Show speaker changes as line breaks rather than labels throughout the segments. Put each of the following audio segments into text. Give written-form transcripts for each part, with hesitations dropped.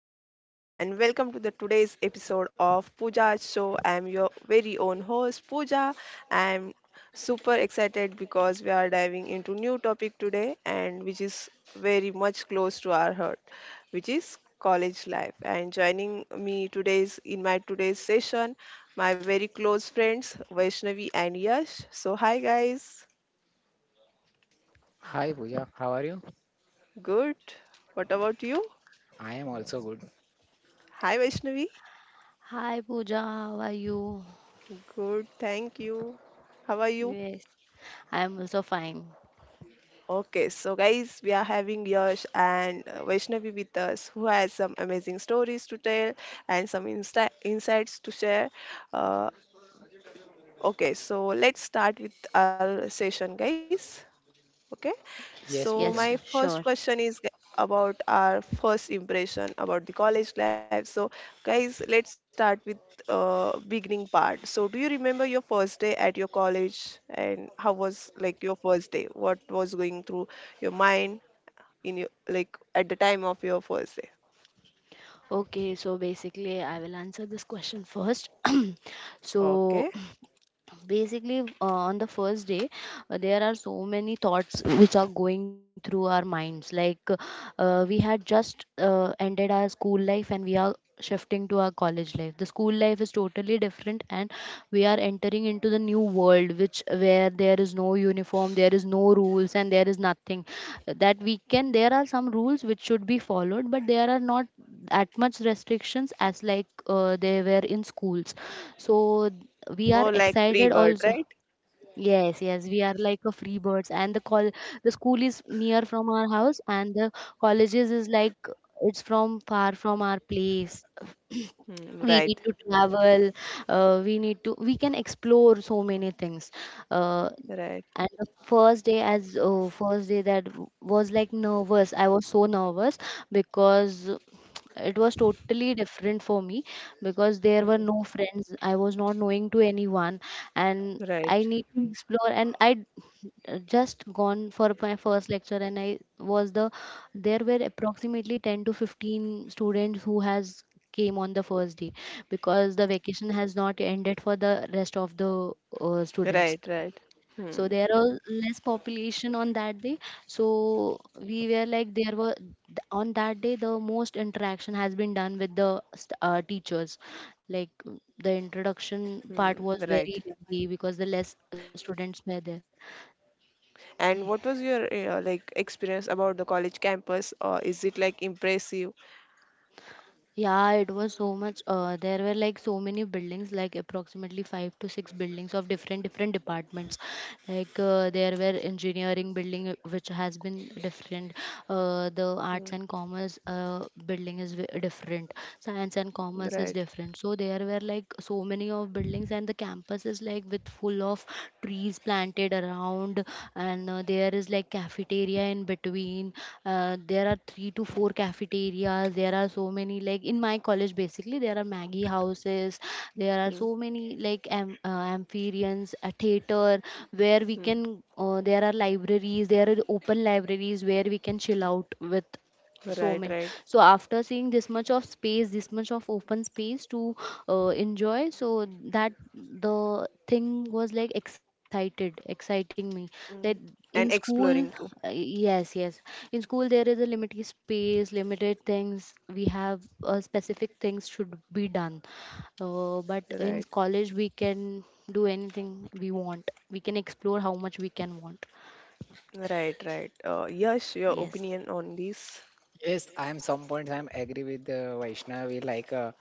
everyone and welcome to the today's episode of Pooja's show. I am your very own host Pooja. I am super excited because we are diving into new topic today and which is very much close to our heart, which is college life. And joining me today's in my today's session my very close friends Vaishnavi and Yash. So hi guys.
Hi Pooja, how are you?
Good. What about you?
I am also good.
Hi Vaishnavi.
Hi Pooja, how are you?
Good. Thank you. How are you?
Yes, I am also fine.
Okay, so guys, we are having Yash and Vaishnavi with us, who has some amazing stories to tell and some insights to share. Uh, okay, so let's start with our session, guys. Okay, so
Yes,
Yes,
my
Pooja.
sure.
first question is about our first impression about the college life. So, guys, let's start with beginning part. So, do you remember your first day at your college and how was like your first day? What was going through your mind in your, like, at the time of your first day?
Okay, so basically, I will answer this question first. So,
Okay,
basically on the first day, there are so many thoughts which are going through our minds, like we had just ended our school life, and we are shifting to our college life. The school life is totally different, and we are entering into the new world, which where there is no uniform, there is no rules, and there is nothing that we can. There are some rules which should be followed, but there are not that much restrictions as like they were in schools. So we are
more like
excited also.
pre-word, right?
Yes, yes, we are like a free birds, and the school is near from our house, and the colleges is like it's from far from our place.
Hmm,
We need
right,
to travel, we need to we can explore so many things. uh,
right,
and the first day as first day that w- was like nervous. I was so nervous because it was totally different for me, because there were no friends, I was not knowing to anyone, and I need
right,
to explore, and I just gone for my first lecture, and I was the there were approximately 10 to 15 students who has came on the first day because the vacation has not ended for the rest of the students.
right, right.
So there
Hmm,
are less population on that day. So we were like there were on that day the most interaction has been done with the teachers, like the
hmm,
introduction part
right.
was very lengthy because the less students were there.
And what was your like experience about the college campus? Or is it like impressive?
Yeah, it was so much. There were like so many buildings, like approximately five to six buildings of different different departments. Like there were engineering building, which has been different. The arts and
Hmm,
commerce building is different. Science and commerce is different.
right.
So there were like so many of buildings, and the campus is like with full of trees planted around, and there is like cafeteria in between. There are three to four cafeterias. There are so many, like, in my college basically there are maggie houses. There are so
Hmm,
many like amphitheaters, a theater, where we can
hmm,
there are libraries, there are open libraries where we can chill out with so many.
right.
So
Right,
after seeing this much of space, this much of open space to enjoy, so that the thing was like excited exciting me. That
Hmm.
in
And
school,
exploring too.
yes, yes, in school there is a limited space, limited things we have, specific things should be done, but in
Right,
college we can do anything we want, we can explore how much we can want.
right, right. Yes, your
Yes,
opinion on this.
Yes, I am some points I am agree with Vaishnavi like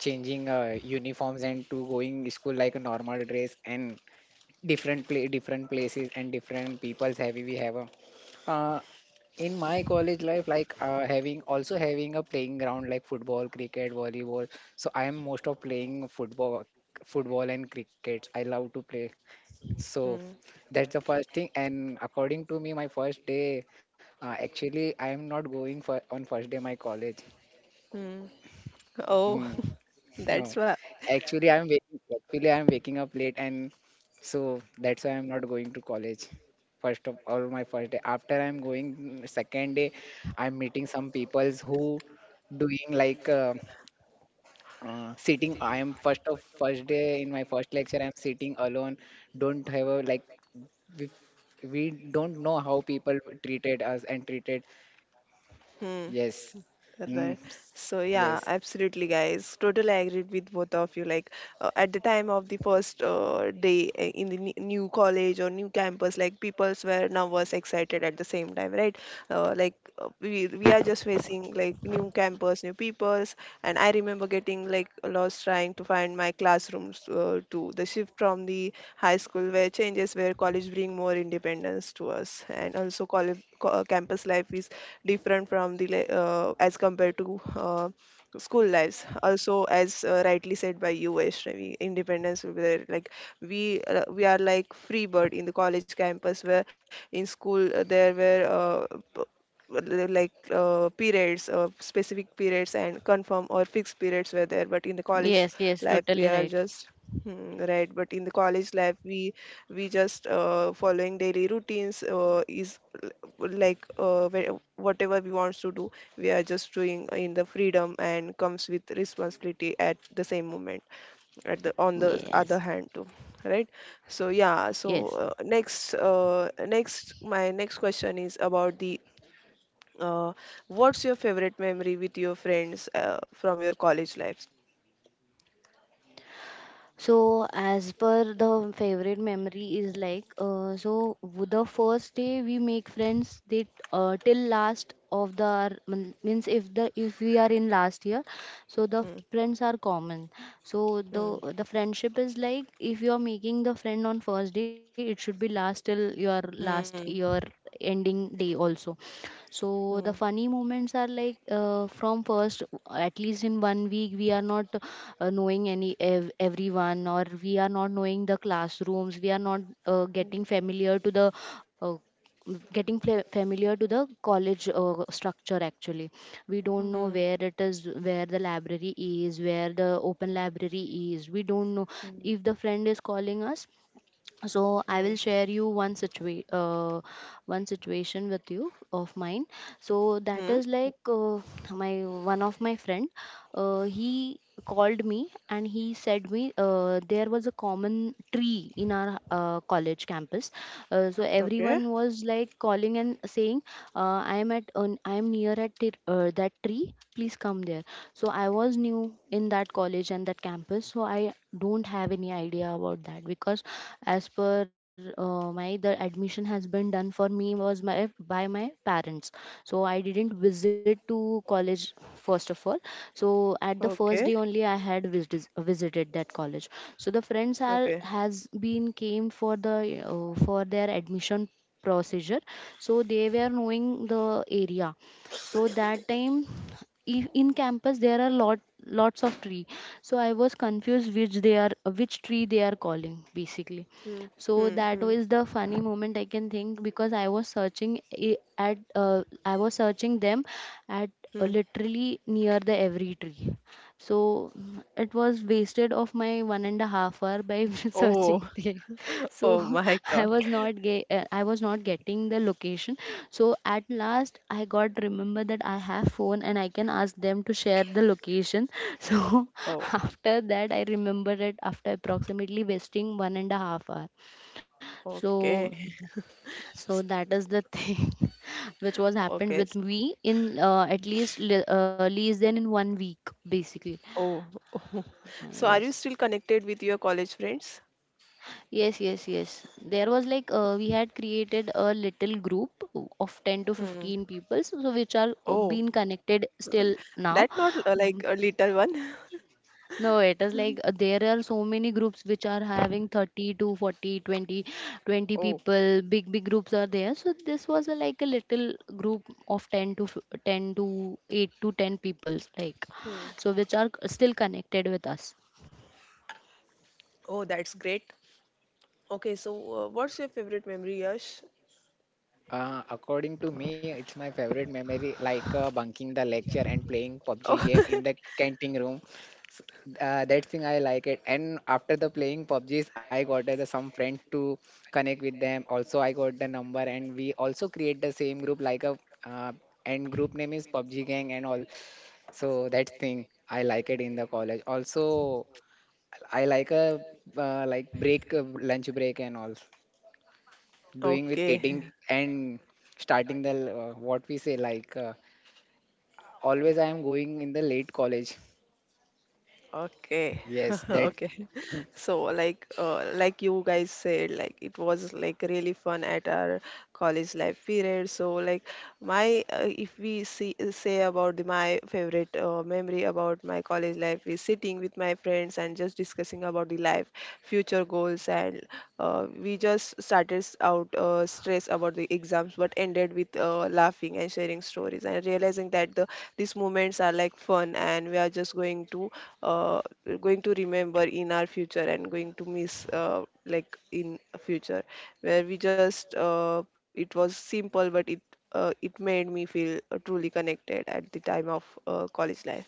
changing uniforms and to going school like a normal dress and different play different places and different people's have we have a uh, in my college life like having also having a playing ground like football, cricket, volleyball. So I am most of playing football and cricket. I love to play. So
Hmm.
that's the first thing. And according to me, my first day, actually, I am not going for on first day my college.
Hmm.
Hmm.
Oh,
No,
that's why.
actually, actually, I'm waking up late, and so that's why I'm not going to college. First of all, my first day. After I'm going second day, I'm meeting some peoples who doing like sitting. I am first day in my first lecture. I'm sitting alone. Don't have a like we, we don't know how people treated us and treated.
Hmm,
Yes. Mm,
right. So yeah,
yes.
absolutely, guys. Totally agreed with both of you. Like, at the time of the first day in the new college or new campus, like peoples were nervous, excited at the same time, right? Like, we are just facing like new campus, new peoples, and I remember getting like lost trying to find my classrooms, to the shift from the high school where changes, where college bring more independence to us. And also college campus life is different from the as compared to, school lives also. As rightly said by you Vaishnavi, independence will be there. Like we are like free bird in the college campus, where in school, there were, like, periods, specific periods and confirm or fixed periods were there, but in the college
yes, yes,
life we
totally
are
right.
just— Hmm, right, but in the college life we just following daily routines, is, like, whatever we wants to do we are just doing in the freedom, and comes with responsibility at the same moment, at the on the
Yes,
other hand too. Right. So yeah,
yes.
so next my next question is about the, uh, what's your favorite memory with your friends from your college life?
So, as per the favorite memory is like, the first day we make friends, they till last of the means if we are in last year, so the
Hmm,
friends are common. So
hmm,
the friendship is like if you are making the friend on first day, it should be last till your last
hmm,
year ending day also. So
hmm,
the funny moments are like, from first at least in one week we are not knowing everyone, or we are not knowing the classrooms, we are not getting familiar to the uh, getting fla- familiar to the college structure actually, we don't know
hmm,
where it is, where the library is, where the open library is, we don't know
hmm, hmm,
if the friend is calling us. So I
hmm,
will share you one situation with you of mine. So
hmm.
that is like, my one of my friend, he called me, and he said me there was a common tree in our college campus, so
Okay,
everyone was like calling and saying, I am near that tree, please come there. So I was new in that college and that campus, so I don't have any idea about that, because as per my the admission has been done for me, was my by my parents. So I didn't visit to college first of all. So at the
okay,
first day only I had visited that college. So the friends are
okay.
has been came for the, for their admission procedure. So they were knowing the area. So that time, if in campus there are lots of tree, so I was confused which tree they are calling basically.
Hmm,
So
hmm,
that
hmm,
was the funny moment I can think, because I was searching them at
hmm.
literally near the every tree. So it was wasted of my 1.5 hour by searching
Oh,
there. So
oh my God.
I was not getting the location. So at last I got remember that I have phone, and I can ask them to share the location. So
Oh,
after that I remembered it after approximately wasting 1.5 hour. so
okay.
so that
S-
is the thing which was happened with
Okay. s-
me in, least than in one week basically.
Oh, oh.
Ah,
So
yes,
are you still connected with your college friends?
yes, yes, yes, there was like, we had created a little group of 10 to
Hmm.
15 people, so which are
Oh,
being connected still now.
that not like a little one.
No, it is like, there are so many groups which are having 30 to 40, 20, 20
Oh.
people. Big, big groups are there. So this was like a little group of 10 to 8 to 10 peoples, like,
Hmm.
so which are still connected with us.
Oh, that's great. Okay, so what's your favorite memory, Yash?
According to me, it's my favorite memory, like bunking the lecture and playing PUBG
Oh,
game in the canteen room. S- that thing I like it. And after the playing PUBGs, I got some friends to connect with them. Also, I got the number, and we also create the same group, like a and group name is PUBG gang and all. So that thing I like it in the college. Also, I like a like break lunch break and all doing with
okay,
eating and starting the what we say like always I am going in the late college.
okay,
Yes, that.
okay. So like you guys said, like it was like really fun at our college life period. So like my, if we see say about the, my favorite memory about my college life is sitting with my friends and just discussing about the life, future goals, and we just started out stress about the exams but ended with laughing and sharing stories and realizing that these moments are like fun, and we are just going to, uh, going to remember in our future and going to miss, uh, like in future, where we just, it was simple but it, it made me feel truly connected at the time of college life.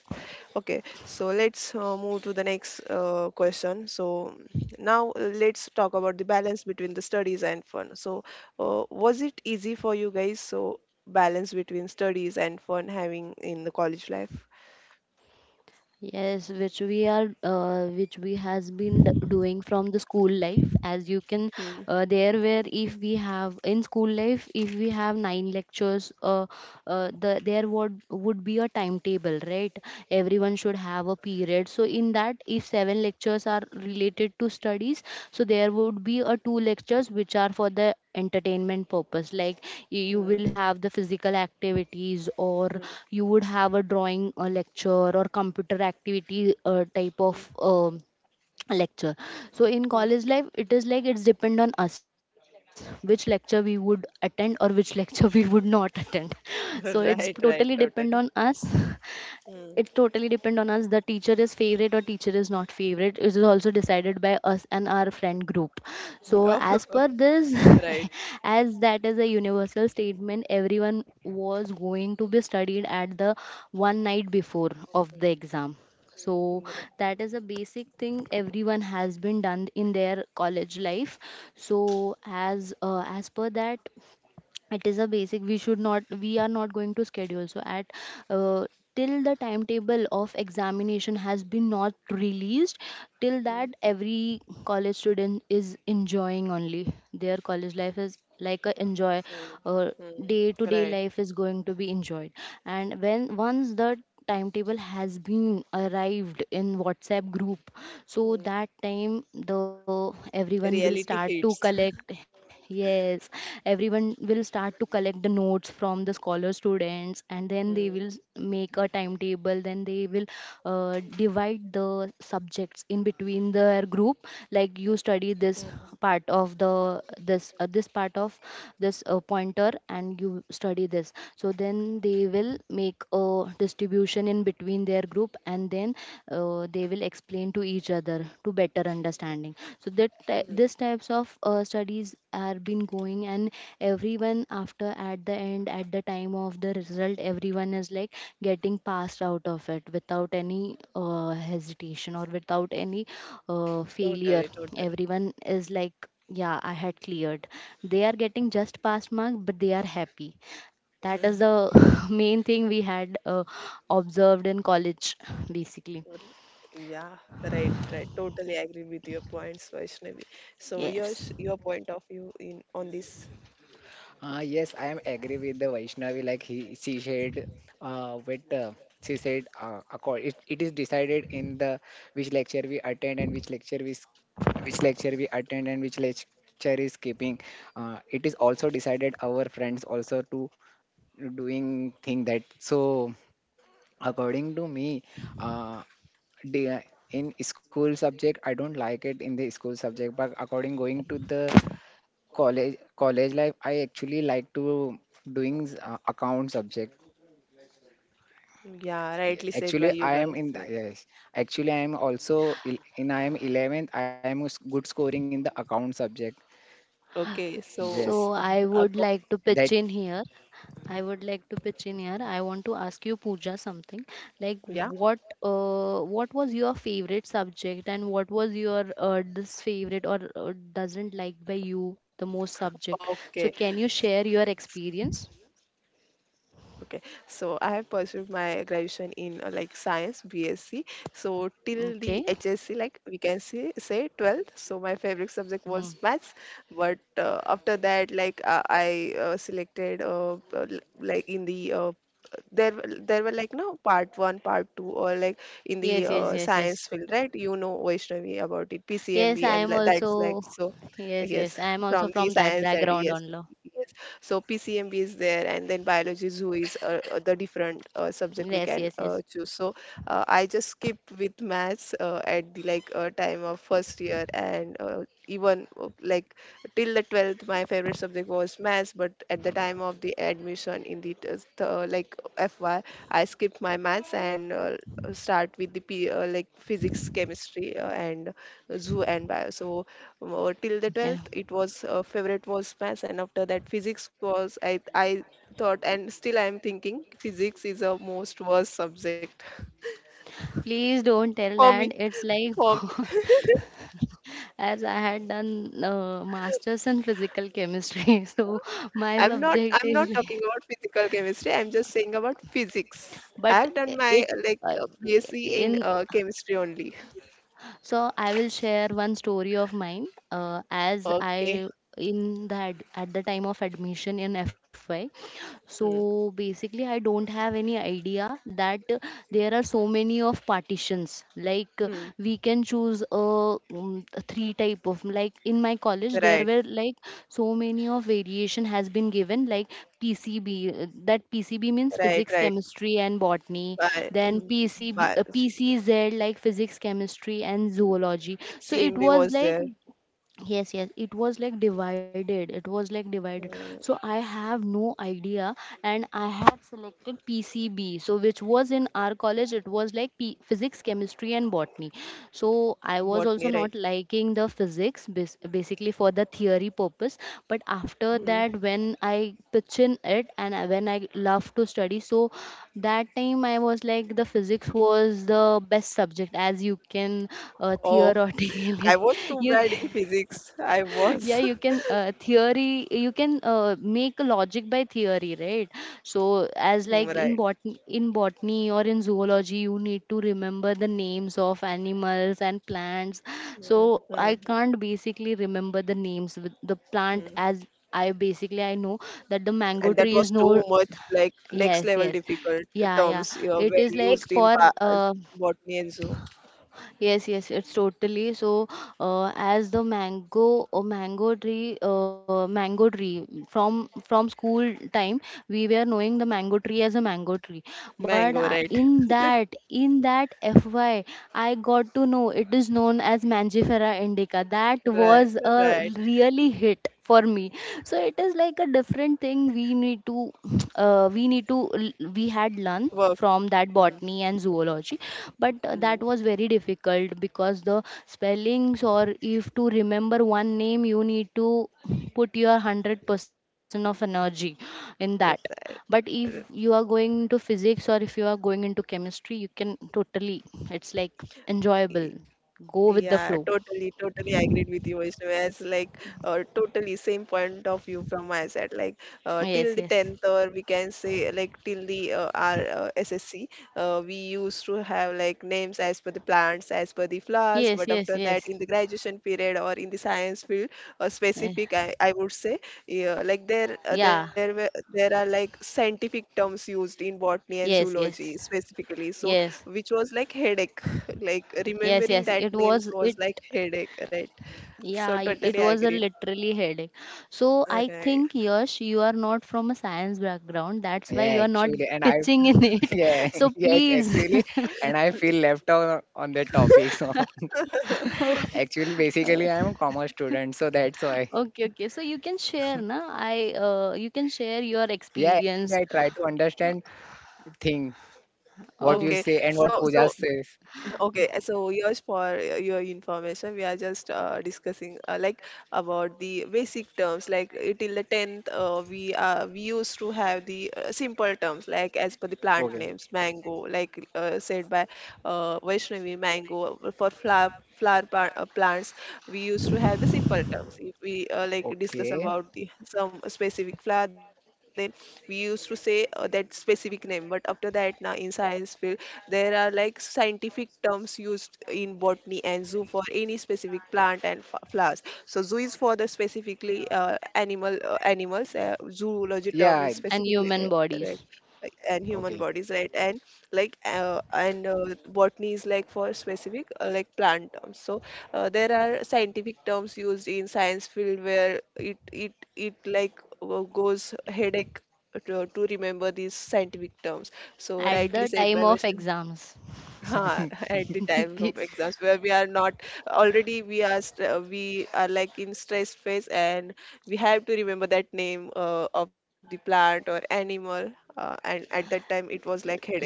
Okay, so let's move to the next question. So now let's talk about the balance between the studies and fun. So was it easy for you guys? So balance between studies and fun having in the college life?
Yes, which we has been doing from the school life.
Hmm.
There where, if we have in school life, if we have nine lectures, there would be a timetable, right? Everyone should have a period. So in that, if seven lectures are related to studies, so there would be a two lectures which are for the entertainment purpose, like you
Hmm,
will have the physical activities, or
hmm,
you would have a drawing lecture, or computer activity type
hmm,
of lecture. So in
hmm.
college life it is like it's depend on us which lecture we would attend, or which lecture we would not attend. So it's totally
Right, right,
depend on
totally.
us. It
Hmm.
totally depend on us. The teacher is favorite or teacher is not favorite, it is also decided by us and our friend group. So
Oh,
as per this,
right.
as that is a universal statement, everyone was going to be studied at the one night before of the exam. So
Mm,
that is a basic thing everyone has been done in their college life. So as per that, it is a basic we are not going to schedule. So at uh, till the timetable of examination has been not released, till that
Right.
every college student is enjoying only. Their college life is like a enjoy,
Mm, mm,
uh, day to
mm,
day
Right.
life is going to be enjoyed. And when once the timetable has been arrived in whatsapp group, so
Mm.
that time the everyone will start
Reality
to
hits.
collect. Yes, everyone will start to collect the notes from the scholar students, and then they will
Mm,
make a timetable. Then they will divide the subjects in between their group, like you study
mm,
this part of the this this part of this pointer, and you study this. So then they will make a distribution in between their group, and then they will explain to each other to better understanding. So
mm.
this types of studies are been going. And everyone, after at the end at the time of the result, everyone is like getting passed out of it without any hesitation or without any failure.
Totally, totally.
Everyone is like, yeah, I had cleared. They are getting just past mark, but they are happy. That is the main thing we had observed in college basically.
R- Yeah, right, right. Totally agree with your points, Vaishnavi. So
Yes.
yours, your point of view in on this.
Yes, I am agree with the Vaishnavi like he she said with she said accord it, it is decided in the which lecture we attend and which lecture we attend and which lecture is skipping. It is also decided our friends also to doing thing that so according to me uh the, in school subject I don't like it in the school subject but according going to the college life I actually like to doing account subject.
Yeah, rightly said
Actually
by
I
you
am in
guys.
the, yes, actually I am also il- in I am 11th I am good scoring in the account subject.
Okay,
Yes,
So
so ago-
that.
I would like to pitch in here. I want to ask you Pooja something, like
yeah,
what was your favorite subject, and what was your this favorite, or doesn't like by you the most subject. So
okay,
can you share
S-
your experience?
okay. So I have pursued my graduation in, like, science BSc. So till the
Okay.
HSC, like we can say 12th. So my favorite subject
Hmm.
was maths, but after that, like, I selected, like in the, there there were like no part one, part two, or like in the,
Yes, yes, yes, yes.
science field, right? You know Vaishnavi about it,
Yes,
PCMB,
I
and
am
like, that's like
also.
so.
Yes,
Yes,
yes, I am also
from the
from that
science side,
background
yes.
only.
Yes. So PCMB is there, and then biology zoo is, the different subject we
Yes,
can
yes, yes.
choose. So I just skipped with maths at the like time of first year, and even, like till the 12th my favorite subject was maths, but at the time of the admission in the like FY I skipped my maths and, start with the P, like physics, chemistry, and zoo and bio. So till the
Okay.
12th, it was, favorite was maths, and after that, physics was I thought, and still I am thinking physics is a most worst subject
Please don't tell
for
that
me,
it's like.
for me.
As I had done masters in physical chemistry, so my
I'm not,
subject
I'm
is.
not talking about physical chemistry. I'm just saying about physics.
But
I've
I-
done my,
it's
like,
I-
BSc in,
in.
chemistry only.
So I will share one story of mine. As
Okay.
I in that at the time of admission in FY,
Hmm.
so basically I don't have any idea that there are so many of partitions like
Hmm.
we can choose a three type of like in my college there
Right.
were like so many of variation has been given like pcb that pcb means
Right.
physics
Right.
chemistry and botany.
Bye.
Then
Mm,
pcb
by.
pcz like physics chemistry and
Mm.
zoology. So it
PCMB
was
was
like.
there.
Yes, yes, it was like divided.
Mm.
So I have no idea, and I have selected PCB. So which was in our college, it was like physics, chemistry, and botany. So I was
Botany.
also
Right.
not liking the physics, basically for the theory purpose. But after
Hmm.
that, when I pitch in it, when I love to study, so that time I was like the physics was the best subject, as you can
Oh, I
theoretically
was too
you
bad in
can.
physics. I
Yeah,
was.
you can theory, you can make a logic by theory, right? So
Hmm,
as like
Right.
in botany or in zoology, you need to remember the names of animals and plants.
Hmm.
So I
Hmm.
can't basically remember the names with the plant.
Hmm.
As I basically I know that the mango
And that
tree
was
is
too
no.
much, like, next
Yes,
level
yes.
difficult
Yeah, yeah.
terms, you know,
It
were
is like
used in
for
as botany and zoo.
yes, yes, it's totally. So, as the mango tree from school time, we were knowing the mango tree as a mango tree.
Mango,
But
right?
in that FY, I got to know it is known as Mangifera Monica. That
Right,
was a
right.
really hit for me. So it is like a different thing. We need to, we need to, we had learned
Work.
from that
Mm,
botany and zoology, but
mm,
that was very difficult because the spellings, or if to remember one name, you need to put your 100% of energy in that. But if you are going into physics or if you are going into chemistry, you can totally, it's like
right.
enjoyable, go with the
Yeah,
flow.
totally, totally. I agreed with you, Vaishnavi. As like, totally same point of view from my side. Like, till
Yes,
the
yes.
tenth, or we can say like till the, our, SSC, we used to have like names as per the plants, as per the flowers.
Yes,
But after
yes,
that,
yes.
in the graduation period or in the science field,
Eh,
specific, I would say, yeah, like there,
yeah.
there were, there are like scientific terms used in botany and
Yes, yes.
zoology specifically. So
Yes.
which was like headache like
Yes,
remembering
yes,
that
it
names
was
was
it.
like headache, right? So
Yeah,
totally
it was a
agreed.
literally headache. So I
Right.
think Yash, you are not from a science background. That's why
Yeah
you are not
actually and i.
pitching in it.
Yeah.
So
Yes,
please.
actually, and I feel left out on that topic. So actually, basically, I am a commerce student, so that's why.
Okay, okay. So you can share, na? I you can share your
Yeah,
experience.
actually, I try to understand thing what
Oh,
you
okay
say and what
so
Pooja
so
says.
Okay, so just for your information, we are just discussing, like, about the basic terms. Like, till the tenth, we used to have the simple terms like as per the
Okay,
plant names, mango, like said by, Vaishnavi, mango for flower plants. We used to have the simple terms. If we like discuss
okay.
about the some specific flower, then we used to say, that specific name. But after that, now in science field there are like scientific terms used in botany and zoo for any specific plant and flowers. So zoo is for the specifically animals. Zoology term
Yeah,
is
I-
and
specifically,
human
right,
bodies
like, and human
okay.
bodies, right. And like, and botany is like for specific, like plant terms. So there are scientific terms used in science field where it like goes headache to remember these scientific terms. So
at
rightly
the
said by
time of
Vaishnavi.
exams.
Ha, at the times of exams where we are not, already we are st we are like in stress phase, and we have to remember that name of the plant or animal, and at that time it was like headache.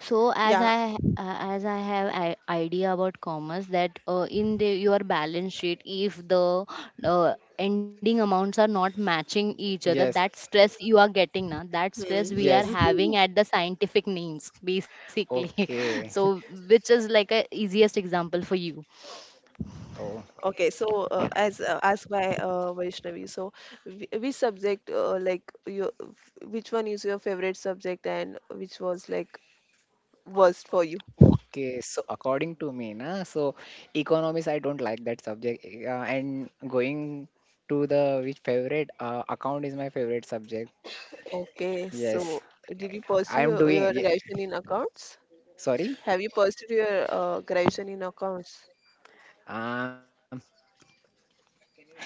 So
Yeah.
as I have an idea about commerce, that in the your balance sheet, if the ending amounts are not matching each other,
Yes,
that stress you are getting now, that stress we are
yes.
having at the scientific names basically.
Okay.
So which is like a easiest example for you.
Oh,
Okay, so as asked by, Vaishnavi, so which subject like your which one is your favorite subject, and which was like worst for you?
okay. So according to me, na, so economics I don't like that subject. And going to the which favorite account is my favorite subject.
Okay,
Yes,
so did you
I
pursue
am doing.
your
Yeah.
graduation in accounts?
Sorry.
Have you pursued your graduation in accounts?
Um,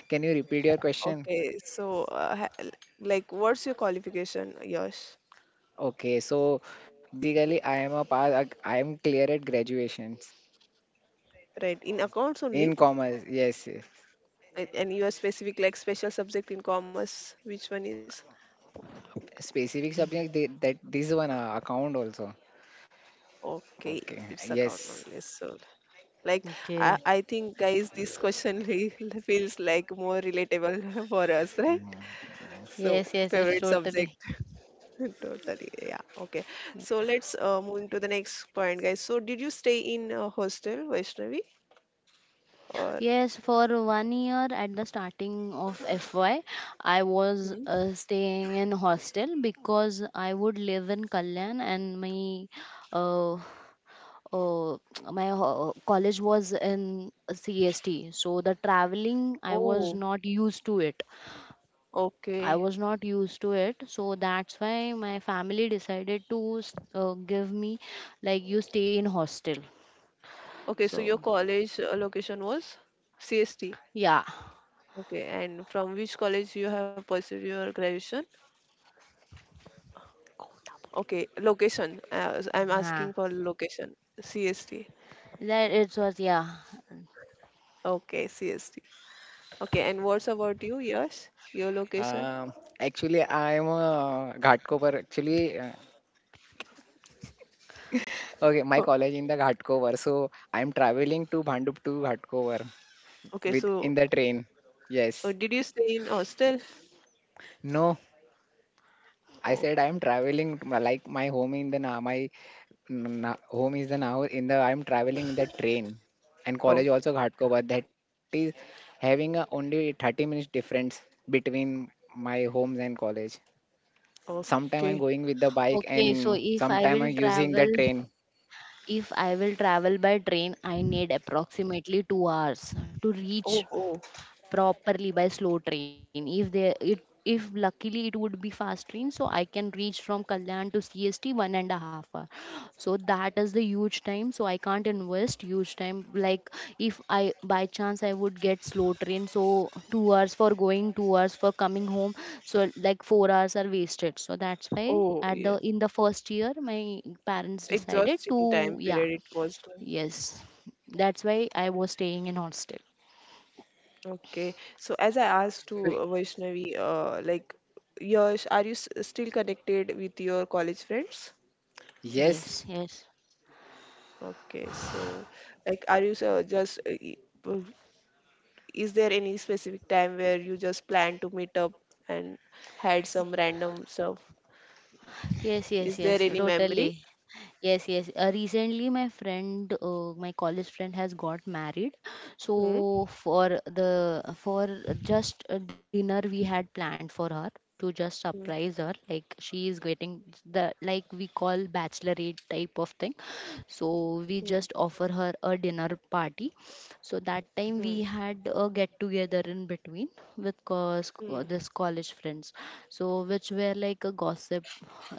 can you repeat your question?
Okay, so like, what's your qualification, Yash?
Okay, so basically, I am a pass. I am clear at graduations
Right, in accounts only,
in commerce. Yes, yes.
and you are specific like special subject in commerce. Which one is?
Specific subject that this one account also.
Okay,
Okay,
it's account
yes.
only. So, like,
Okay.
I think, guys, this question re feels like more relatable for us, right? So,
Yes, yes, it's
favorite subject.
totally.
Totally. Yeah. Okay. So, let's moving to the next point, guys. So, did you stay in a hostel, Vaishnavi? Or,
Yes, for 1 year at the starting of FY, I was
hmm?
staying in hostel because I would live in Kalyan, and my uh, uh, my college was in CST. So the traveling, I was
Oh,
not used to it. I
okay.
was not used to it, so that's why my family decided to give me like you stay in hostel.
Okay. So,
So
your college location was CST.
yeah.
Okay. And from which college you have pursued your graduation? Okay, location.
Huh.
I'm asking for location. CST.
That it was, yeah.
Okay, CST. Okay, and what's about you? Yes, your location.
Um, Actually, I am a Ghatkopar. Actually, okay,
Oh,
my college in the Ghatkopar, so I am traveling to Bhandup to Ghatkopar
okay,
with
so
in the train. Yes.
did you stay in hostel?
No, I
Oh,
said I'm traveling like my home in the na my home is the now in the I'm traveling in the train and college
oh,
also Ghatkopar that is having a only 30 minutes difference between my homes and college. Sometime I'm
okay.
going with the bike
Okay, so
and
if I
sometime I'm
will
using the
travel,
train.
if I will travel by train, I need approximately 2 hours to reach
Oh, oh,
properly by slow train. If they it, if luckily it would be fast train, so I can reach from kalyan to cst one and a half hour. So that is the huge time, so I can't invest huge time. Like if I by chance I would get slow train, so 2 hours for going, 2 hours for coming home, so like 4 hours are wasted. So that's why
oh,
at the
yeah.
in the first year my parents decided to,
Exhausting time
yeah,
period it was.
yes, that's why I was staying in hostel.
Okay, so as I asked
So,
to Vaishnavi, like, Yash, are you s still connected with your college friends?
Yes,
yes,
yes.
Okay, so like, are you just uh, is there any specific time where you just planned to meet up and had some random stuff?
Yes, yes,
Is there
yes,
any memory?
totally. Yes, yes. Recently, my my college friend has got married.
Hmm?
So for the for just a dinner we had planned for her, to just
Hmm.
surprise her. Like she is getting the, like we call bachelorette type of thing.
Hmm.
So we just offer her a dinner party, so that
Hmm.
time we had a get together in between with
Hmm.
this college friends. So which were like a gossip.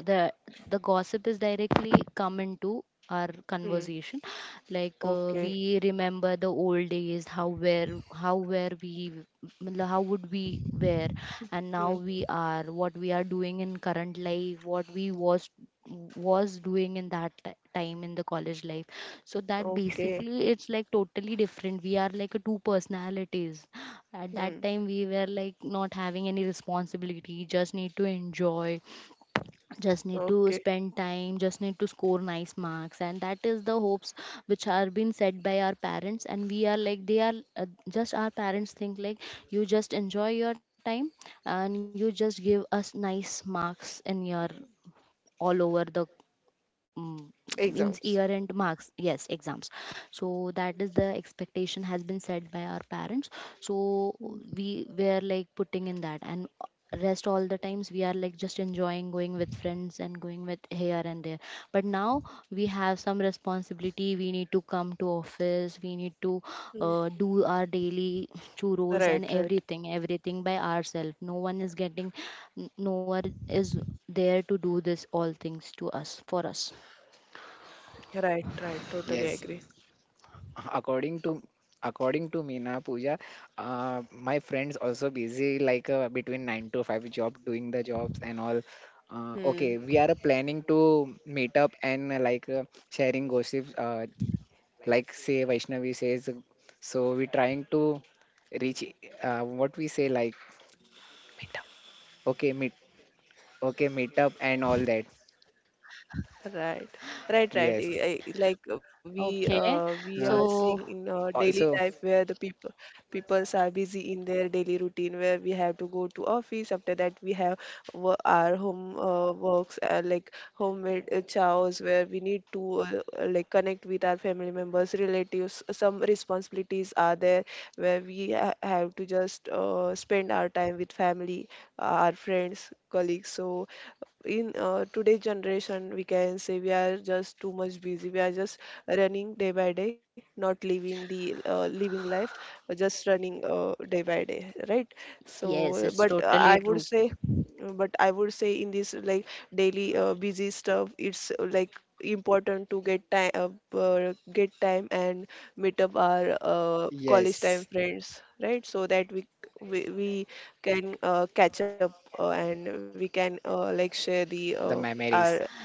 The the gossip is directly come into our
Hmm.
conversation. Like
Okay.
we remember the old days, how were we, मतलब how would we were, and now
Hmm.
we are what we are doing in current life, what we was doing in that time in the college life. So that
Okay.
basically, it's like totally different, we are like a two personalities. At that
Hmm.
time we were like not having any responsibility, just need to enjoy, just need to
Okay.
spend time, just need to score nice marks, and that is the hopes which are being set by our parents. And we are like they are, just our parents think like, you just enjoy your time and you just give us nice marks in your all over the, Mm, means
Exams.
year-end marks, yes, exams. So that is the expectation has been set by our parents. So
Hmm.
we were like putting in that, and rest all the times we are like just enjoying, going with friends and going with here and there. But now we have some responsibility, we need to come to office, we need to
Hmm.
do our daily churros
Right.
and
Right.
everything, everything by ourselves. No one is getting, no one is there to do this all things to us, for us.
Right. Right. Totally
yes.
agree.
According to me na Pooja, my friends also busy like between 9 to 5 job doing the jobs and all.
Hmm.
Okay, we are planning to meet up and like sharing gossip. Like say Vaishnavi says, so we trying to reach, what we say like, okay meet, okay meet up and all that.
Right, right, right.
Yes.
Like we uh,
Okay,
we are
uh,
seeing
so
in daily life
Also.
where the peoples are busy in their daily routine where we have to go to office. After that, we have our home works like homemade chows where we need to like connect with our family members, relatives. Some responsibilities are there where we ha have to just spend our time with family, our friends, colleagues. So in today's generation we can say we are just too much busy, we are just running day by day, not living the living life, just running day by day, right? So
yes,
but
it's
I
totally
would
true.
say but I would say in this like daily busy stuff, it's like important to get time, uh, get time and meet up our college time
Yes,
friends, right? So that we can catch up and we can like share the
the
uh,
memories.
our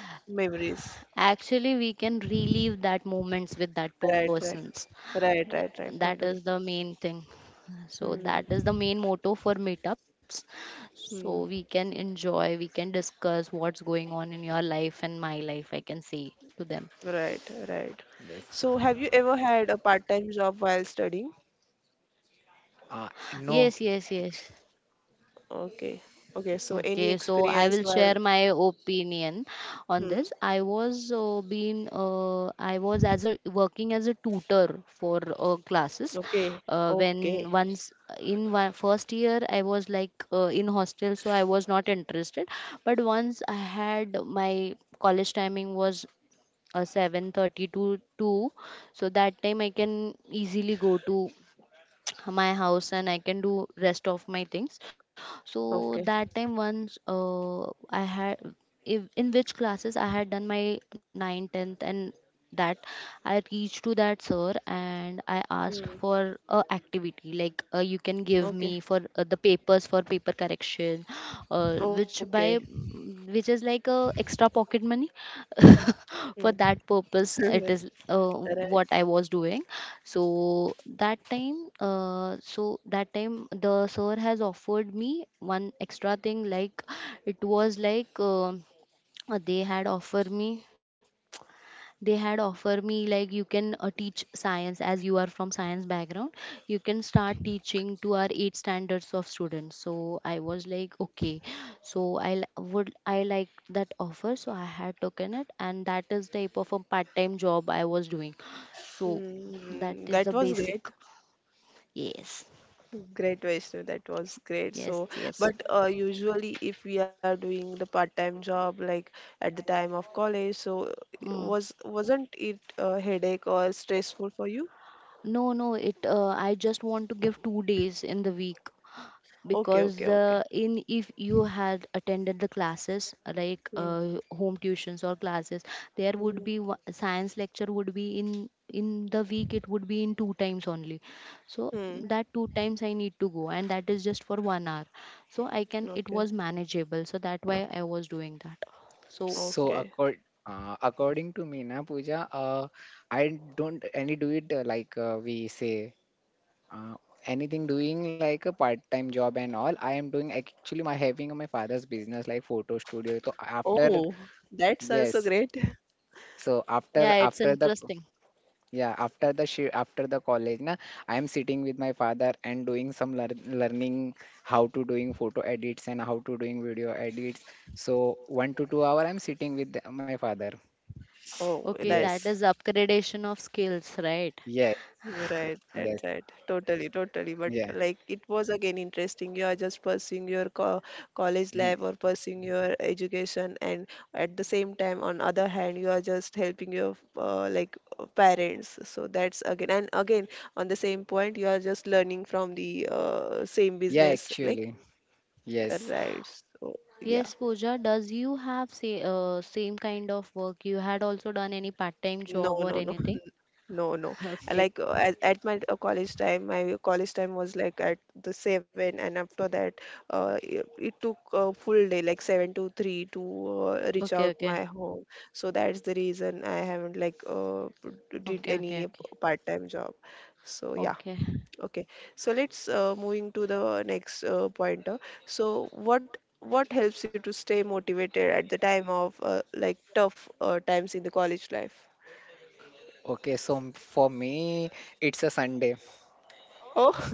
memories.
Actually, we can relive that moments with that
Right, right,
persons.
right,
Uh,
right, right,
that is
totally.
the main thing, so that
Hmm.
is the main motto for meetups. So
Hmm.
we can enjoy, we can discuss what's going on in your life and my life, I can say to them.
Right, right.
Yes.
So have you ever had a part-time job while studying?
No.
Yes, yes, yes.
Okay. Okay. So
Okay,
any
so I will
experience
share
while,
my opinion on
hmm?
this. I was been I was as a working as a tutor for classes
Okay.
when
Okay.
once in one first year I was like in hostel, so I was not interested. But once I had my college timing was 7:30 to 2, so that time I can easily go to my house and I can do rest of my things. So
Okay.
that time once I had, if, in which classes I had done my ninth, 10th, and that I reached to that sir and I
Hmm.
asked for a activity like, you can
Okay.
give me for the papers for paper correction,
Okay.
which by, which is like a extra pocket money.
Hmm.
For that purpose it is,
Right.
what I was doing. So that time the sir has offered me one extra thing, like it was like uh, they had offered me they had offer me like, you can teach science as you are from science background, you can start teaching to our eight standards of students. So I was like okay, so I would I like that offer, so I had taken it. And that is type of a part-time job I was doing. So that
Hmm.
is
That
the
was
basic,
great.
yes,
Great Vaishnav, that was great.
yes,
So,
yes.
but usually if we are doing the part-time job like at the time of college, so
Mm.
was wasn't it a headache or stressful for you?
no no it I just want to give 2 days in the week
Okay, okay,
because
okay.
in, if you had attended the classes like
Hmm.
home tuitions or classes, there
Hmm.
would be science lecture would be in the week it would be in two times only. So
Hmm.
that two times I need to go, and that is just for 1 hour. So I can, it
Okay.
was manageable, so that why I was doing that, so
So
Okay.
accord, According to me, na Pooja, I don't any do it like we say anything doing like a part-time job and all. I am doing actually my having my father's business like photo studio. So after,
Oh, that's also
yes,
great.
so
yeah, it's
after the,
interesting.
yeah, after the college na, I am sitting with my father and doing some learning how to doing photo edits and how to doing video edits. So 1 to 2 hour I'm sitting with the- my father.
Oh,
Okay, that
Yes.
is
that's
upgradation of skills, right?
Yeah,
right, right,
yes,
right. Totally, totally. But
yeah,
like it was again interesting. You are just pursuing your co college
mhm.
life or pursuing your education, and at the same time, on other hand, you are just helping your like parents. So that's again and again on the same point, you are just learning from the same
Yeah,
business. Like
actually, yes.
right. So yeah.
Yes, Pooja, does you have say, same kind of work? You had also done any part-time
No,
job or
no, no.
anything?
No, no. I
Okay,
Like at my college time, my college time was like at the seven, and after that, it took a full day, like seven to three, to reach out
okay,
my
okay,
home. So that's the reason I haven't like uh, p- did
okay,
any
okay,
p-
okay,
part-time job. So yeah,
okay.
okay. So let's moving to the next pointer. So what helps you to stay motivated at the time of like tough times in the college life?
Okay, so for me, it's a Sunday.
Oh,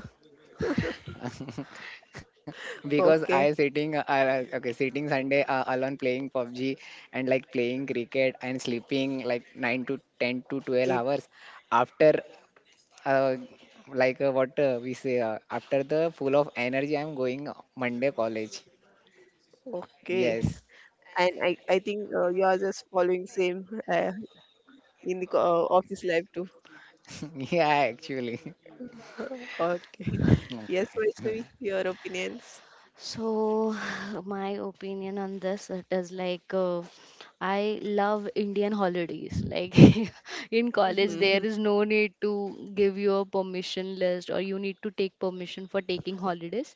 Because I
okay.
sitting, okay, sitting Sunday alone playing PUBG and like playing cricket and sleeping like 9 to 10 to 12 hours after, uh, like what we say, after the full of energy, I'm going Monday college.
Okay.
Yes.
And I think you are just following same uh, in the office life too.
Yeah, actually.
Okay. Yes,
Okay.
Vaishnavi, your opinions.
So, my opinion on this, it is like I love Indian holidays. Like in college, there
Mhm,
is no need to give you a permission list, or you need to take permission for taking holidays.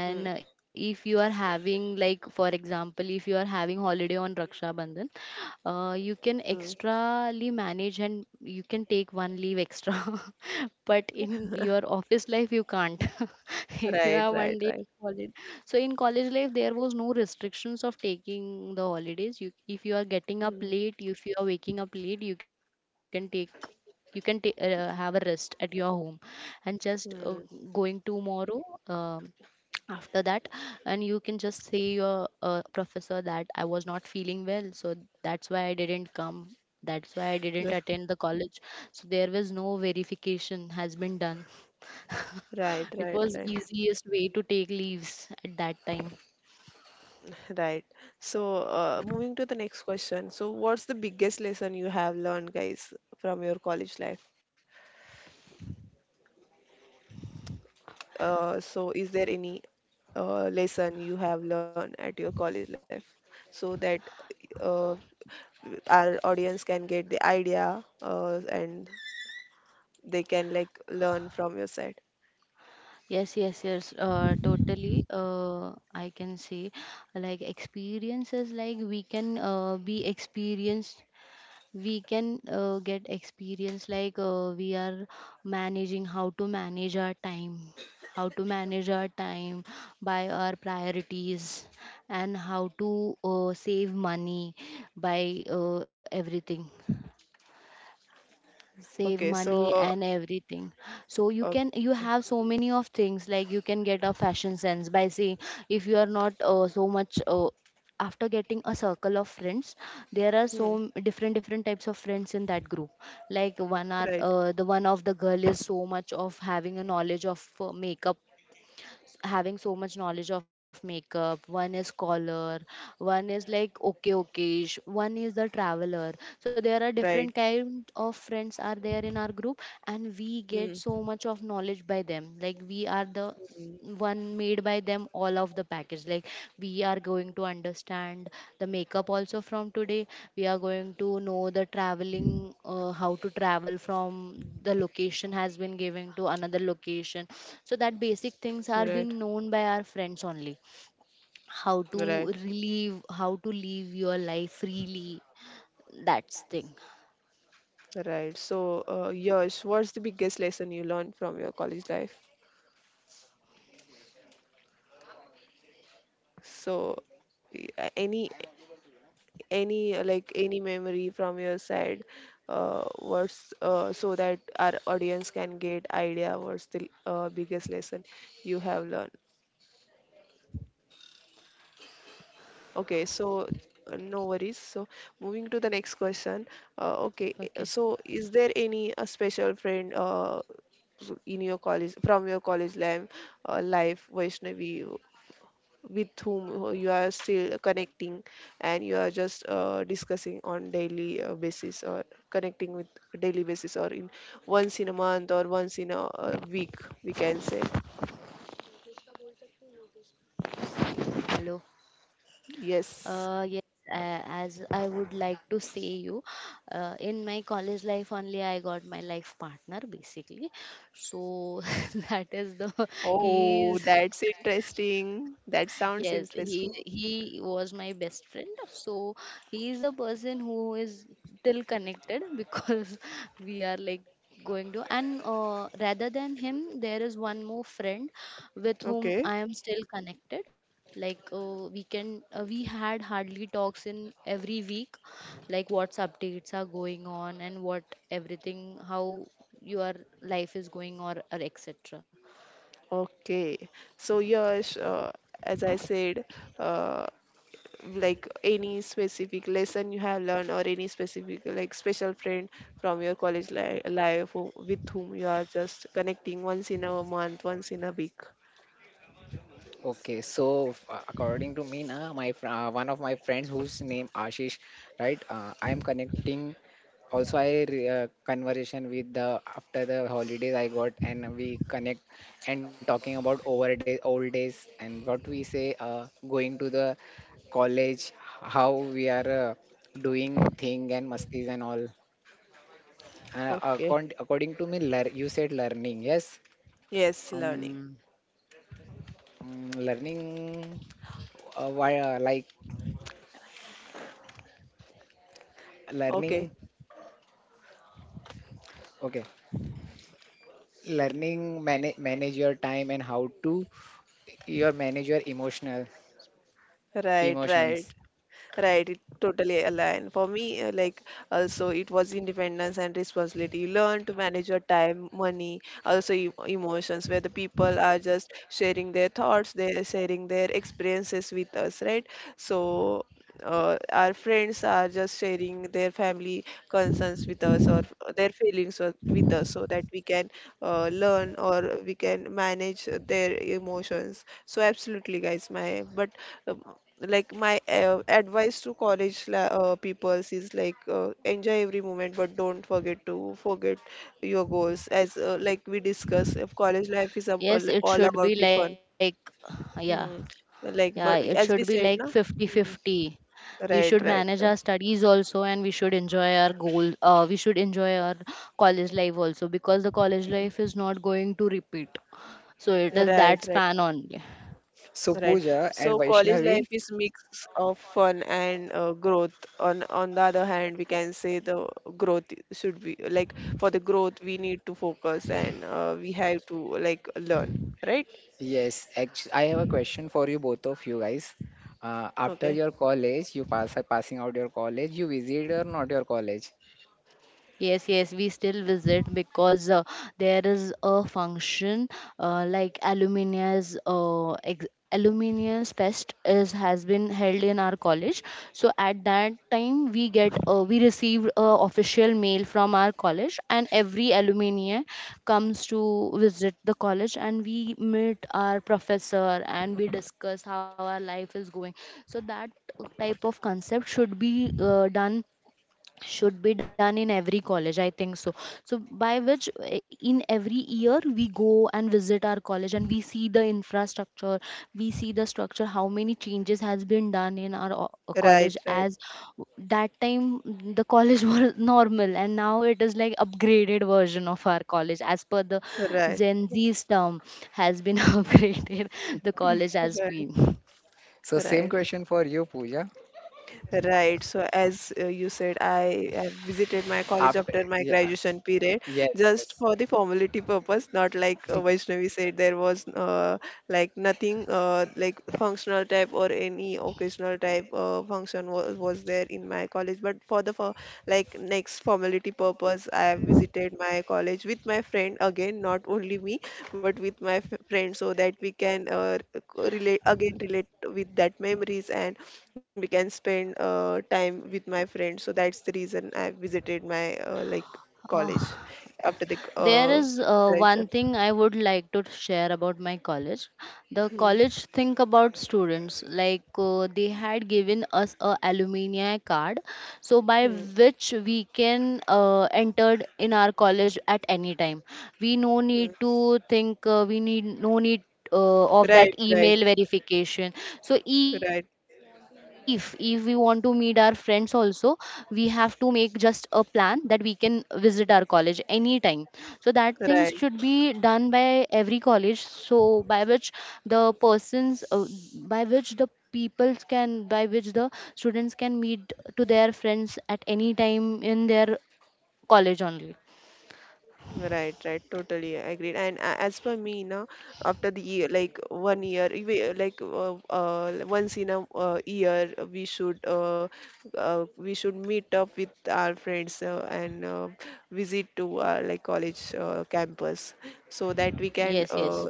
mhm,
And if you are having, like, for example, if you are having holiday on Raksha Bandhan, you
mhm.
can extrally manage and you can take one leave extra but in your office life you can't. If you
Right,
have one
right,
day
right.
holiday, so in college life there was no restrictions of taking the holidays. You, if you are getting up
Mhm,
late, if you are waking up late, you can take, you can have a rest at your home and just
mhm.
going tomorrow, um after that, and you can just say your professor that I was not feeling well, so that's why I didn't come, that's why I didn't attend the college. So there was no verification has been done.
Right,
It
right,
was
right,
easiest way to take leaves at that time.
right. So, moving to the next question. So, what's the biggest lesson you have learned, guys, from your college life? Is there any lesson you have learned at your college life so that uh. our audience can get the idea and they can like learn from your side.
Yes, yes, yes, totally. I can say, like experiences, like we can be experienced, we can get experience, like we are managing how to manage our time, how to manage our time by our priorities, and how to save money by everything, save
Okay,
money
so
and everything. So you can, you
okay,
have so many of things, like you can get a fashion sense by seeing, if you are not so much after getting a circle of friends, there are so
hmm,
different different types of friends in that group. Like one are
right,
the one of the girl is so much of having a knowledge of makeup, having so much knowledge of makeup, one is scholar, one is like okay okayish, one is the traveler. So there are different
right,
kind of friends are there in our group, and we get
hmm,
so much of knowledge by them. Like we are the
hmm,
one made by them, all of the package. Like we are going to understand the makeup also. From today we are going to know the traveling, how to travel from the location has been given to another location. So that basic things are
right,
being known by our friends only. How to
right,
relive, how to live your life freely, that's thing.
right. So, Yash, what's the biggest lesson you learned from your college life? So, y- uh, any any like any memory from your side, what's so that our audience can get idea what's the biggest lesson you have learned. Okay, so no worries. So moving to the next question. Uh, okay,
Okay.
so is there any a special friend in your college from your college life, Vaishnavi, with whom you are still connecting and you are just discussing on daily basis or connecting with daily basis or in once in a month or once in a week, we can say.
Hello.
Yes.
Yes, as I would like to say you, in my college life only I got my life partner, basically. So that is the, he
Oh,
is,
that's interesting. That sounds
yes, he
interesting.
was my best friend. So he is the person who is still connected because we are like going to, and rather than him, there is one more friend with whom
Okay,
I am still connected. Like we can we had hardly talks in every week, like what's updates are going on, and what everything, how your life is going or etc.
okay. So Yash, as I said, uh, like any specific lesson you have learned or any specific like special friend from your college li life who, with whom you are just connecting once in a month, once in a week.
Okay, so according to me, na, my one of my friends whose name Ashish, right? I am connecting. Also, I conversation with the after the holidays I got, and we connect and talking about over day, old days, and what we say, going to the college, how we are uh, doing thing and musties and all.
Okay.
According to me, you said learning, yes?
Yes, learning.
Um, Learning, why, like.
Okay.
learning, okay, learning, manage your time and how to your manage your emotional
Right, right.
emotions.
Right, it totally align. For me, like also it was independence and responsibility. You learn to manage your time, money, also emotions, where the people are just sharing their thoughts, they're sharing their experiences with us, right? So our friends are just sharing their family concerns with us or their feelings with us so that we can learn or we can manage their emotions. So absolutely guys, my but um, like my advice to college peoples is like enjoy every moment but don't forget to forget your goals as like we discussed, if college life is
Yes, it
all
should be
about the
like,
fun.
yeah.
Hmm.
Yeah,
Like
it
but
should be
as we
like
said now
50-50. We should
right
manage our
right right
studies also, and we should enjoy our goal. We should enjoy our college life also, because the college life is not going to repeat. So it is
right,
that
right,
span only.
So
right.
Pooja and
So college
Vaishnavi,
life is mix of fun and growth. On the other hand, we can say the growth should be like, for the growth we need to focus and we have to like learn. Right?
yes, actually, I have a question for you both of you guys. After
Okay.
your college you passing out your college you visit or not your college?
Yes, yes, we still visit because there is a function like Aluminia's Fest is has been held in our college. So at that time we get, we received a official mail from our college, and every alumni comes to visit the college, and we meet our professor and we discuss how our life is going. So that type of concept should be done, should be done in every college, I think so. So by which in every year we go and visit our college, and we see the infrastructure, we see the structure, how many changes has been done in our
Right,
college
right,
as that time. The college was normal, and now it is like upgraded version of our college as per the
right,
gen z's term, has been upgraded, the college has
right.
been.
So same
Right,
question for you Pooja.
right. So as you said, I have visited my college
After,
after my
yeah, yes,
graduation period, just
yes.
for the formality purpose, not like Vaishnavi said. There was like nothing like functional type or any occasional type function was there in my college, but for the for like next formality purpose I have visited my college with my friend, again not only me but with my friend, so that we can co- relate again relate with that memories and we can spend time with my friend. So that's the reason I visited my like
Ah.
college after the
There is
operation.
one thing I would like to share about my college. The
Hmm,
college think about students, like they had given us a alumni card, so by
hmm,
which we can entered in our college at any time. We no
hmm.
need to think. We need no need of
Right,
that
right,
email verification. So
right,
if we want to meet our friends also, we have to make just a plan, that we can visit our college anytime. So that things should
right.
be done by every college, so by which the persons, by which the peoples can, by which the students can meet to their friends at any time in their college only.
Right, right, totally agreed. And as for me, now after the year, like one year, if we, once in a year, we should meet up with our friends and visit to our like college campus, so that we can
Yes, yes.
uh,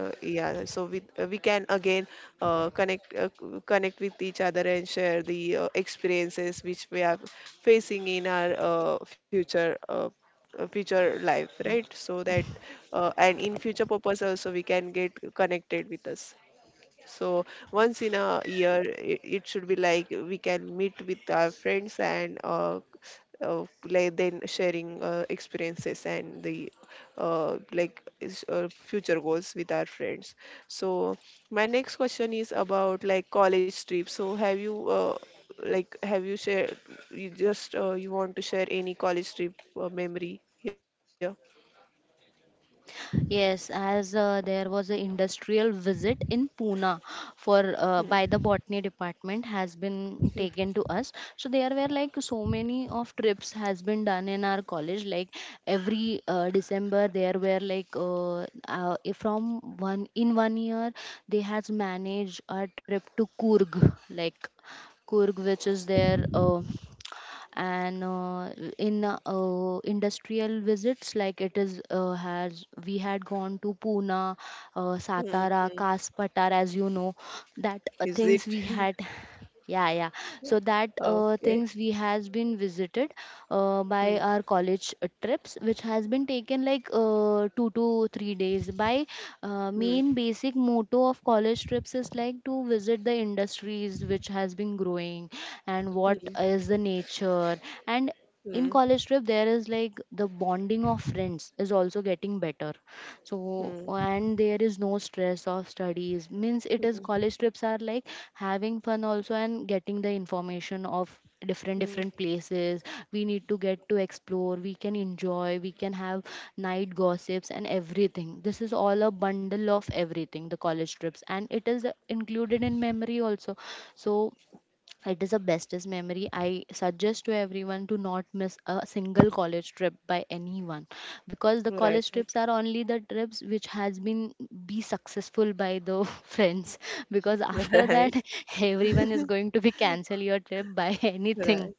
uh, yeah, so we can again connect with each other and share the experiences which we are facing in our future. Future life, right? So that and in future purpose also we can get connected with us. So once in a year it, it should be like we can meet with our friends and like then sharing experiences and the like future goals with our friends. So my next question is about like college trip. So have you like have you shared, you just you want to share any college trip memory here?
Yes, as there was an industrial visit in Pune, for
Hmm,
by the botany department has been
hmm,
taken to us. So there were like so many of trips has been done in our college. Like every December there were like from one in 1 year, they has managed a trip to Kurg, like Kurg which is there. And in industrial visits, like it is has, we had gone to pune, satara
hmm.
kaspatar, as you know, that
Is
things
it?
we had, yeah yeah. So that
Okay.
things we has been visited by
Hmm,
our college trips, which has been taken like 2 to 3 days. By
hmm,
Main basic motto of college trips is like to visit the industries which has been growing, and what
hmm,
is the nature. And in
hmm,
college trip there is like the bonding of friends is also getting better. So,
hmm,
and there is no stress of studies, means it is college trips are like having fun also, and getting the information of different
hmm.
different places. We need to get to explore, we can enjoy, we can have night gossips and everything. This is all a bundle of everything, the college trips, and it is included in memory also. So it is the bestest memory. I suggest to everyone to not miss a single college trip by anyone, because the
Right,
college
right,
trips are only the trips which has been be successful by the friends. Because after
right,
that everyone is going to be cancel your trip by anything.
right,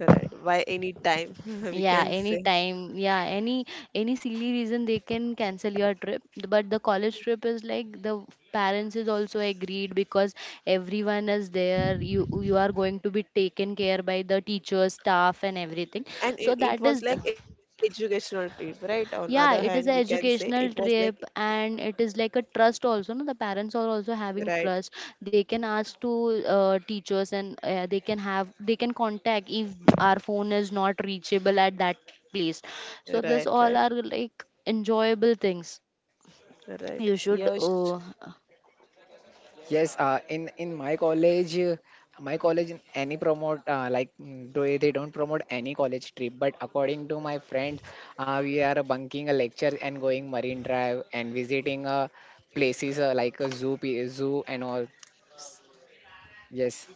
right. By any time, we
Yeah,
can say.
anytime, yeah, any silly reason they can cancel your trip. But the college trip is like the parents is also agreed, because everyone is there, you are going to be taken care by the teacher staff and everything.
And
So
it
that is
was
the,
like educational trip, right? On other hand,
yeah,
we
it
can
is an
say it was
educational
like,
trip, and it is like a trust also, no, the parents are also having
right,
trust. They can ask to teachers, and they can have, they can contact if our phone is not reachable at that place. So this
right,
all
right,
are like enjoyable things. You
right.
should
Yes,
Yes, in my college in any promote like do they don't promote any college trip. But according to my friends, we are bunking a lecture and going Marine Drive and visiting places like a zoo, zoo and all. Yes,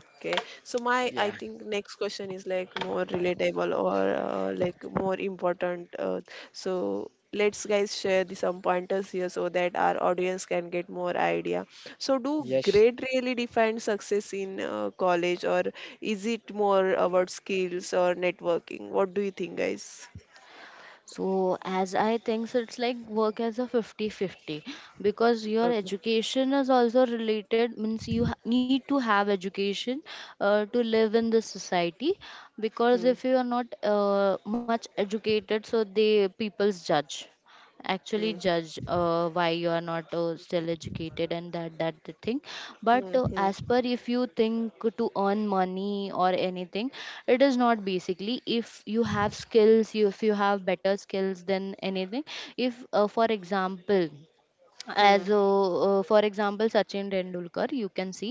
okay. So my I
yeah,
think next question is like more relatable or like more important. So let's guys share the some pointers here so that our audience can get more idea. So do
yes,
grade really define success in college, or is it more about skills or networking? What do you think, guys?
So, as I think, so it's like work as a 50-50, because your
Okay.
education is also related, means you need to have education to live in this society. Because
Hmm.
if you are not much educated, so they people's judge, actually
Hmm.
judge, why you are not still educated and that the thing.
Hmm.
But
Hmm.
as per, if you think to earn money or anything, it is not basically, if you have skills, you, if you have better skills than anything. If for example,
Hmm.
as for example, sachin tendulkar, you can see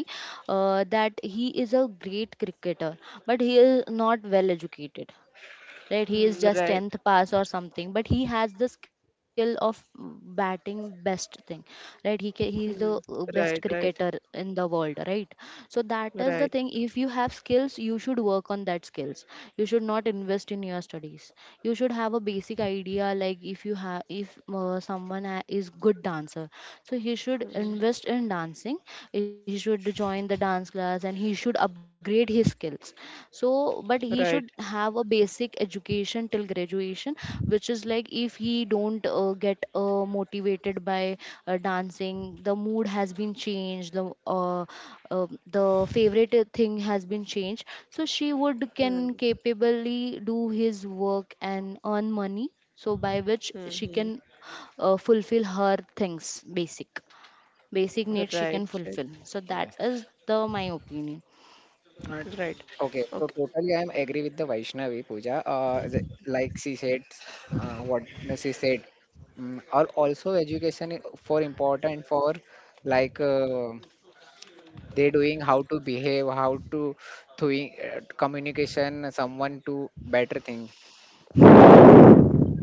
that he is a great cricketer, but he is not well educated, right? He is
Hmm.
just
Right.
10th pass or something, but he has the skill of batting, best thing, right? He is the
Hmm.
best
Right. Right.
cricketer in the world, right? So that is the
Right.
thing. If you have skills, you should work on that skills, you should not invest in your studies. You should have a basic idea, like if you have, if someone is good dancer, so he should
Hmm.
invest in dancing. He should join the dance class, and he should upgrade his skills. So, but he
Right.
should have a basic education till graduation, which is like, if he don't get motivated by dancing, the mood has been changed, uh, the favorite thing has been changed, so she would can
Hmm.
capably do his work and earn money. So by which she
Mm-hmm.
can fulfill her things, basic, basic needs she
Right,
can
right,
fulfill. So that
yes.
is the my opinion.
Right.
right.
Okay, so
Okay.
totally I'm agree with the Vaishnavi Pooja. The- like she said, what she said, or also education for important for, like they doing how to behave, how to doing communication, someone to better thing.
Mhm.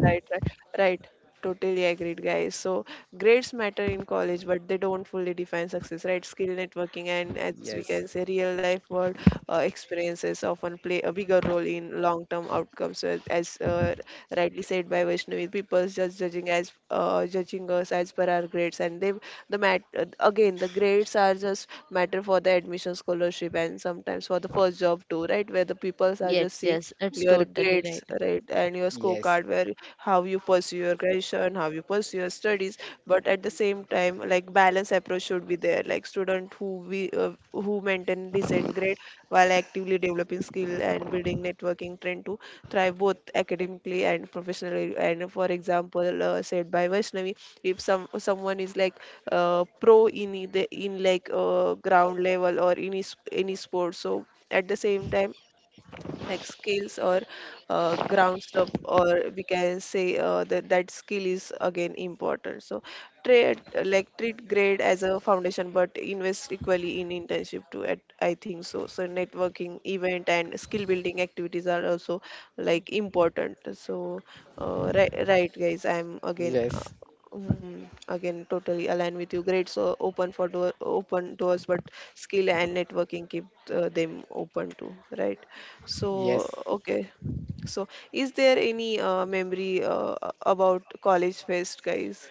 Right, right, right. Totally agreed, guys. So grades matter in college, but they don't fully define success, right? Skill networking and, as we can
Yes,
say, real life world experiences often play a bigger role in long term outcomes. So as rightly said by Vaishnavi, people just judging as judging us as per our grades, and they the mat again the grades are just matter for the admission scholarship and sometimes for the first job too, right? Where the people are just
Yes,
seeing
yes, it's
your
totally
grades,
right.
right, and your scorecard
yes,
where how you pursue your graduation, how you pursue your studies, but at the same time like balance approach should be there. Like student who we who maintain decent grade while actively developing skill and building networking trend to thrive both academically and professionally. And for example, said by Vaishnavi, if someone is like pro in the in like ground level or any any sport, so at the same time like skills or ground stuff, or we can say that that skill is again important. So trade, like treat grade as a foundation, but invest equally in internship too, at I think so, so networking event and skill building activities are also like important. So right, right guys, I'm again.
yes,
Mm, again, totally align with you. Grades open for door, open doors, but skill and networking keep them open too, right? So,
yes,
okay. So, is there any memory about college fest, guys?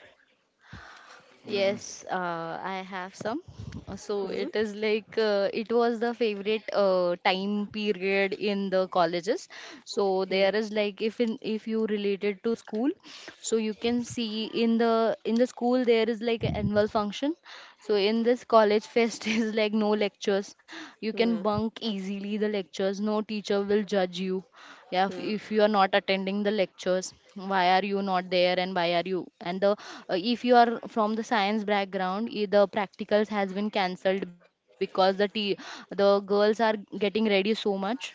mm,
Yes, I have some. So
Hmm?
it is like it was the favorite time period in the colleges. So
Hmm.
there is like, if in if you related to school, so you can see in the, in the school there is like annual function. So in this college fest is like no lectures. You can
Hmm.
bunk easily the lectures. No teacher will judge you. Yeah,
Hmm.
if you are not attending the lectures, why are you not there, and why are you? And the if you are from the science background, the practicals has been cancelled, because the girls are getting ready so much. So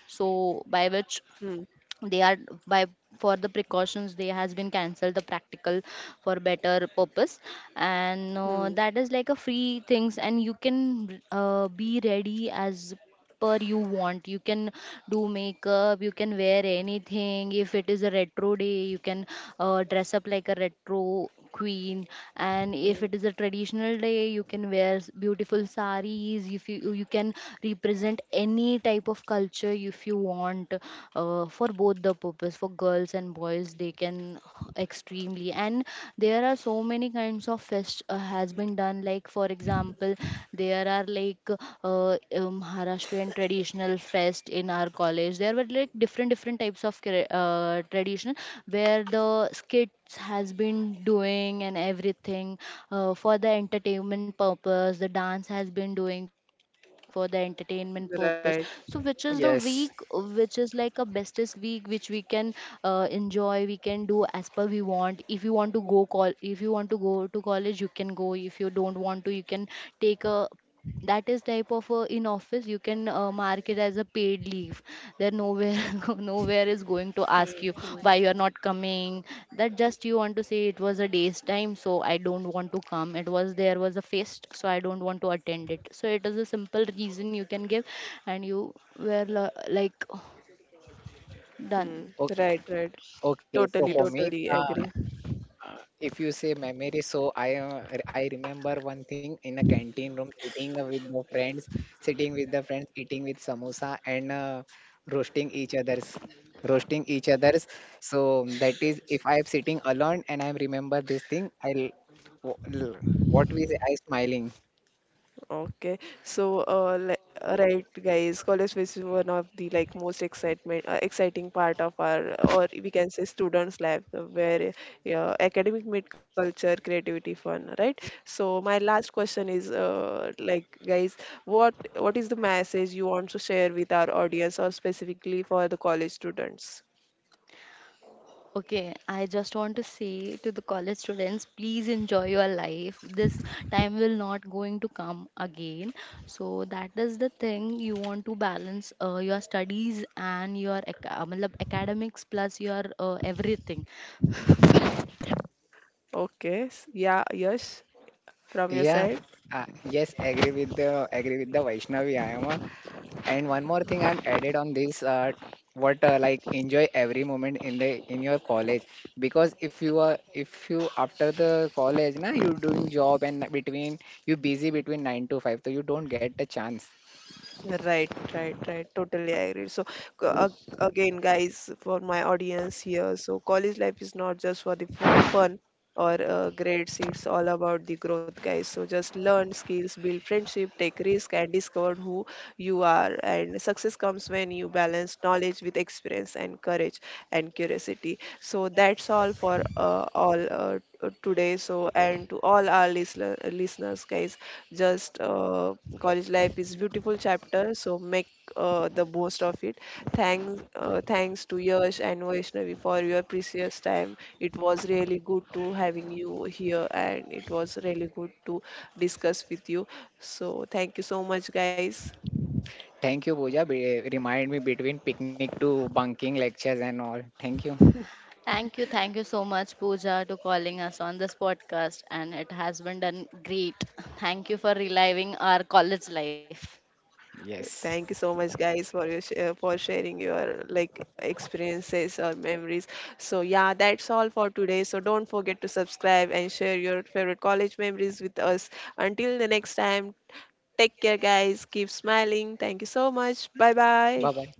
by which
Hmm.
they are, by, for the precautions they has been cancelled the practical, for better purpose. And
Hmm.
that is like a free things, and you can be ready as per you want. You can do makeup, you can wear anything. If it is a retro day, you can dress up like a retro queen. And if
Hmm.
it is a traditional day, you can wear beautiful saris, if you, you can represent any type of culture if you want. For both the purpose, for girls and boys, they can extremely. And there are so many kinds of fest has been done. Like, for example, there are like Maharashtrian traditional fest in our college. There were like different different types of tradition, where the skits has been doing and everything, for the entertainment purpose. The dance has been doing for the entertainment purpose. So
Right.
which is the week,
yes.
which is like a bestest week, which we can enjoy, we can do as per we want. If you want to go call, if you want to go to college, you can go. If you don't want to, you can take a, that is type of in office you can mark it as a paid leave. There nowhere,
Hmm.
nowhere is
Hmm.
going to ask you why you are not coming. That, just you want to say, it was a day's time, so I don't want to come. It was, there was a feast, so I don't want to attend it. So it is a simple reason you can give, and you were like
Hmm.
done.
Okay,
Right. Right.
okay. So
Totally.
for
Yes.
me,
Totally agree.
If you say memory, so I I remember one thing in a canteen room, sitting with the friends, eating with samosa and roasting roasting each other's. So that is if I am sitting alone and I remember this thing, I'll w- l- what we say, I smiling.
Okay, so right, guys, college fest is one of the like most excitement exciting part of our, or we can say students' life, where academic meet culture, creativity, fun, right? So my last question is, like, guys, what is the message you want to share with our audience, or specifically for the college students?
Okay, I just want to say to the college students, please enjoy your life. This time will not going to come again. So that is the thing, you want to balance your studies and your matlab academics plus your everything.
Okay, yeah, yes, from your
Yeah,
side.
yes, agree with the Vaishnavi. I am a. And one more thing I'm added on this, what like enjoy every moment in the in your college because if you are if you after the college now you're doing job and between you busy between 9 to 5 so you don't get the chance.
Right, right, right. Totally, I agree. So, again, guys, for my audience here, so college life is not just for the fun or grades, it's all about the growth, guys. So, just learn skills, build friendship, take risk, and discover who you are. And success comes when you balance knowledge with experience and courage and curiosity. So, that's all for all today. So, and to all our listeners, guys. Just college life is beautiful chapter, so make the most of it. Thanks, thanks to Yash and Vaishnavi for your precious time. It was really good to having you here, and it was really good to discuss with you. So thank you so much, guys.
Thank you, Pooja. Be, remind me between picnic to bunking lectures and all. Thank you.
Thank you, so much, Pooja, to calling us on this podcast, and it has been done great. Thank you for reliving our college life.
Yes.
Thank you so much, guys, for your for sharing your like experiences or memories. So yeah, that's all for today. So don't forget to subscribe and share your favorite college memories with us. Until the next time, take care, guys. Keep smiling. Thank you so much. Bye
Bye bye.
bye.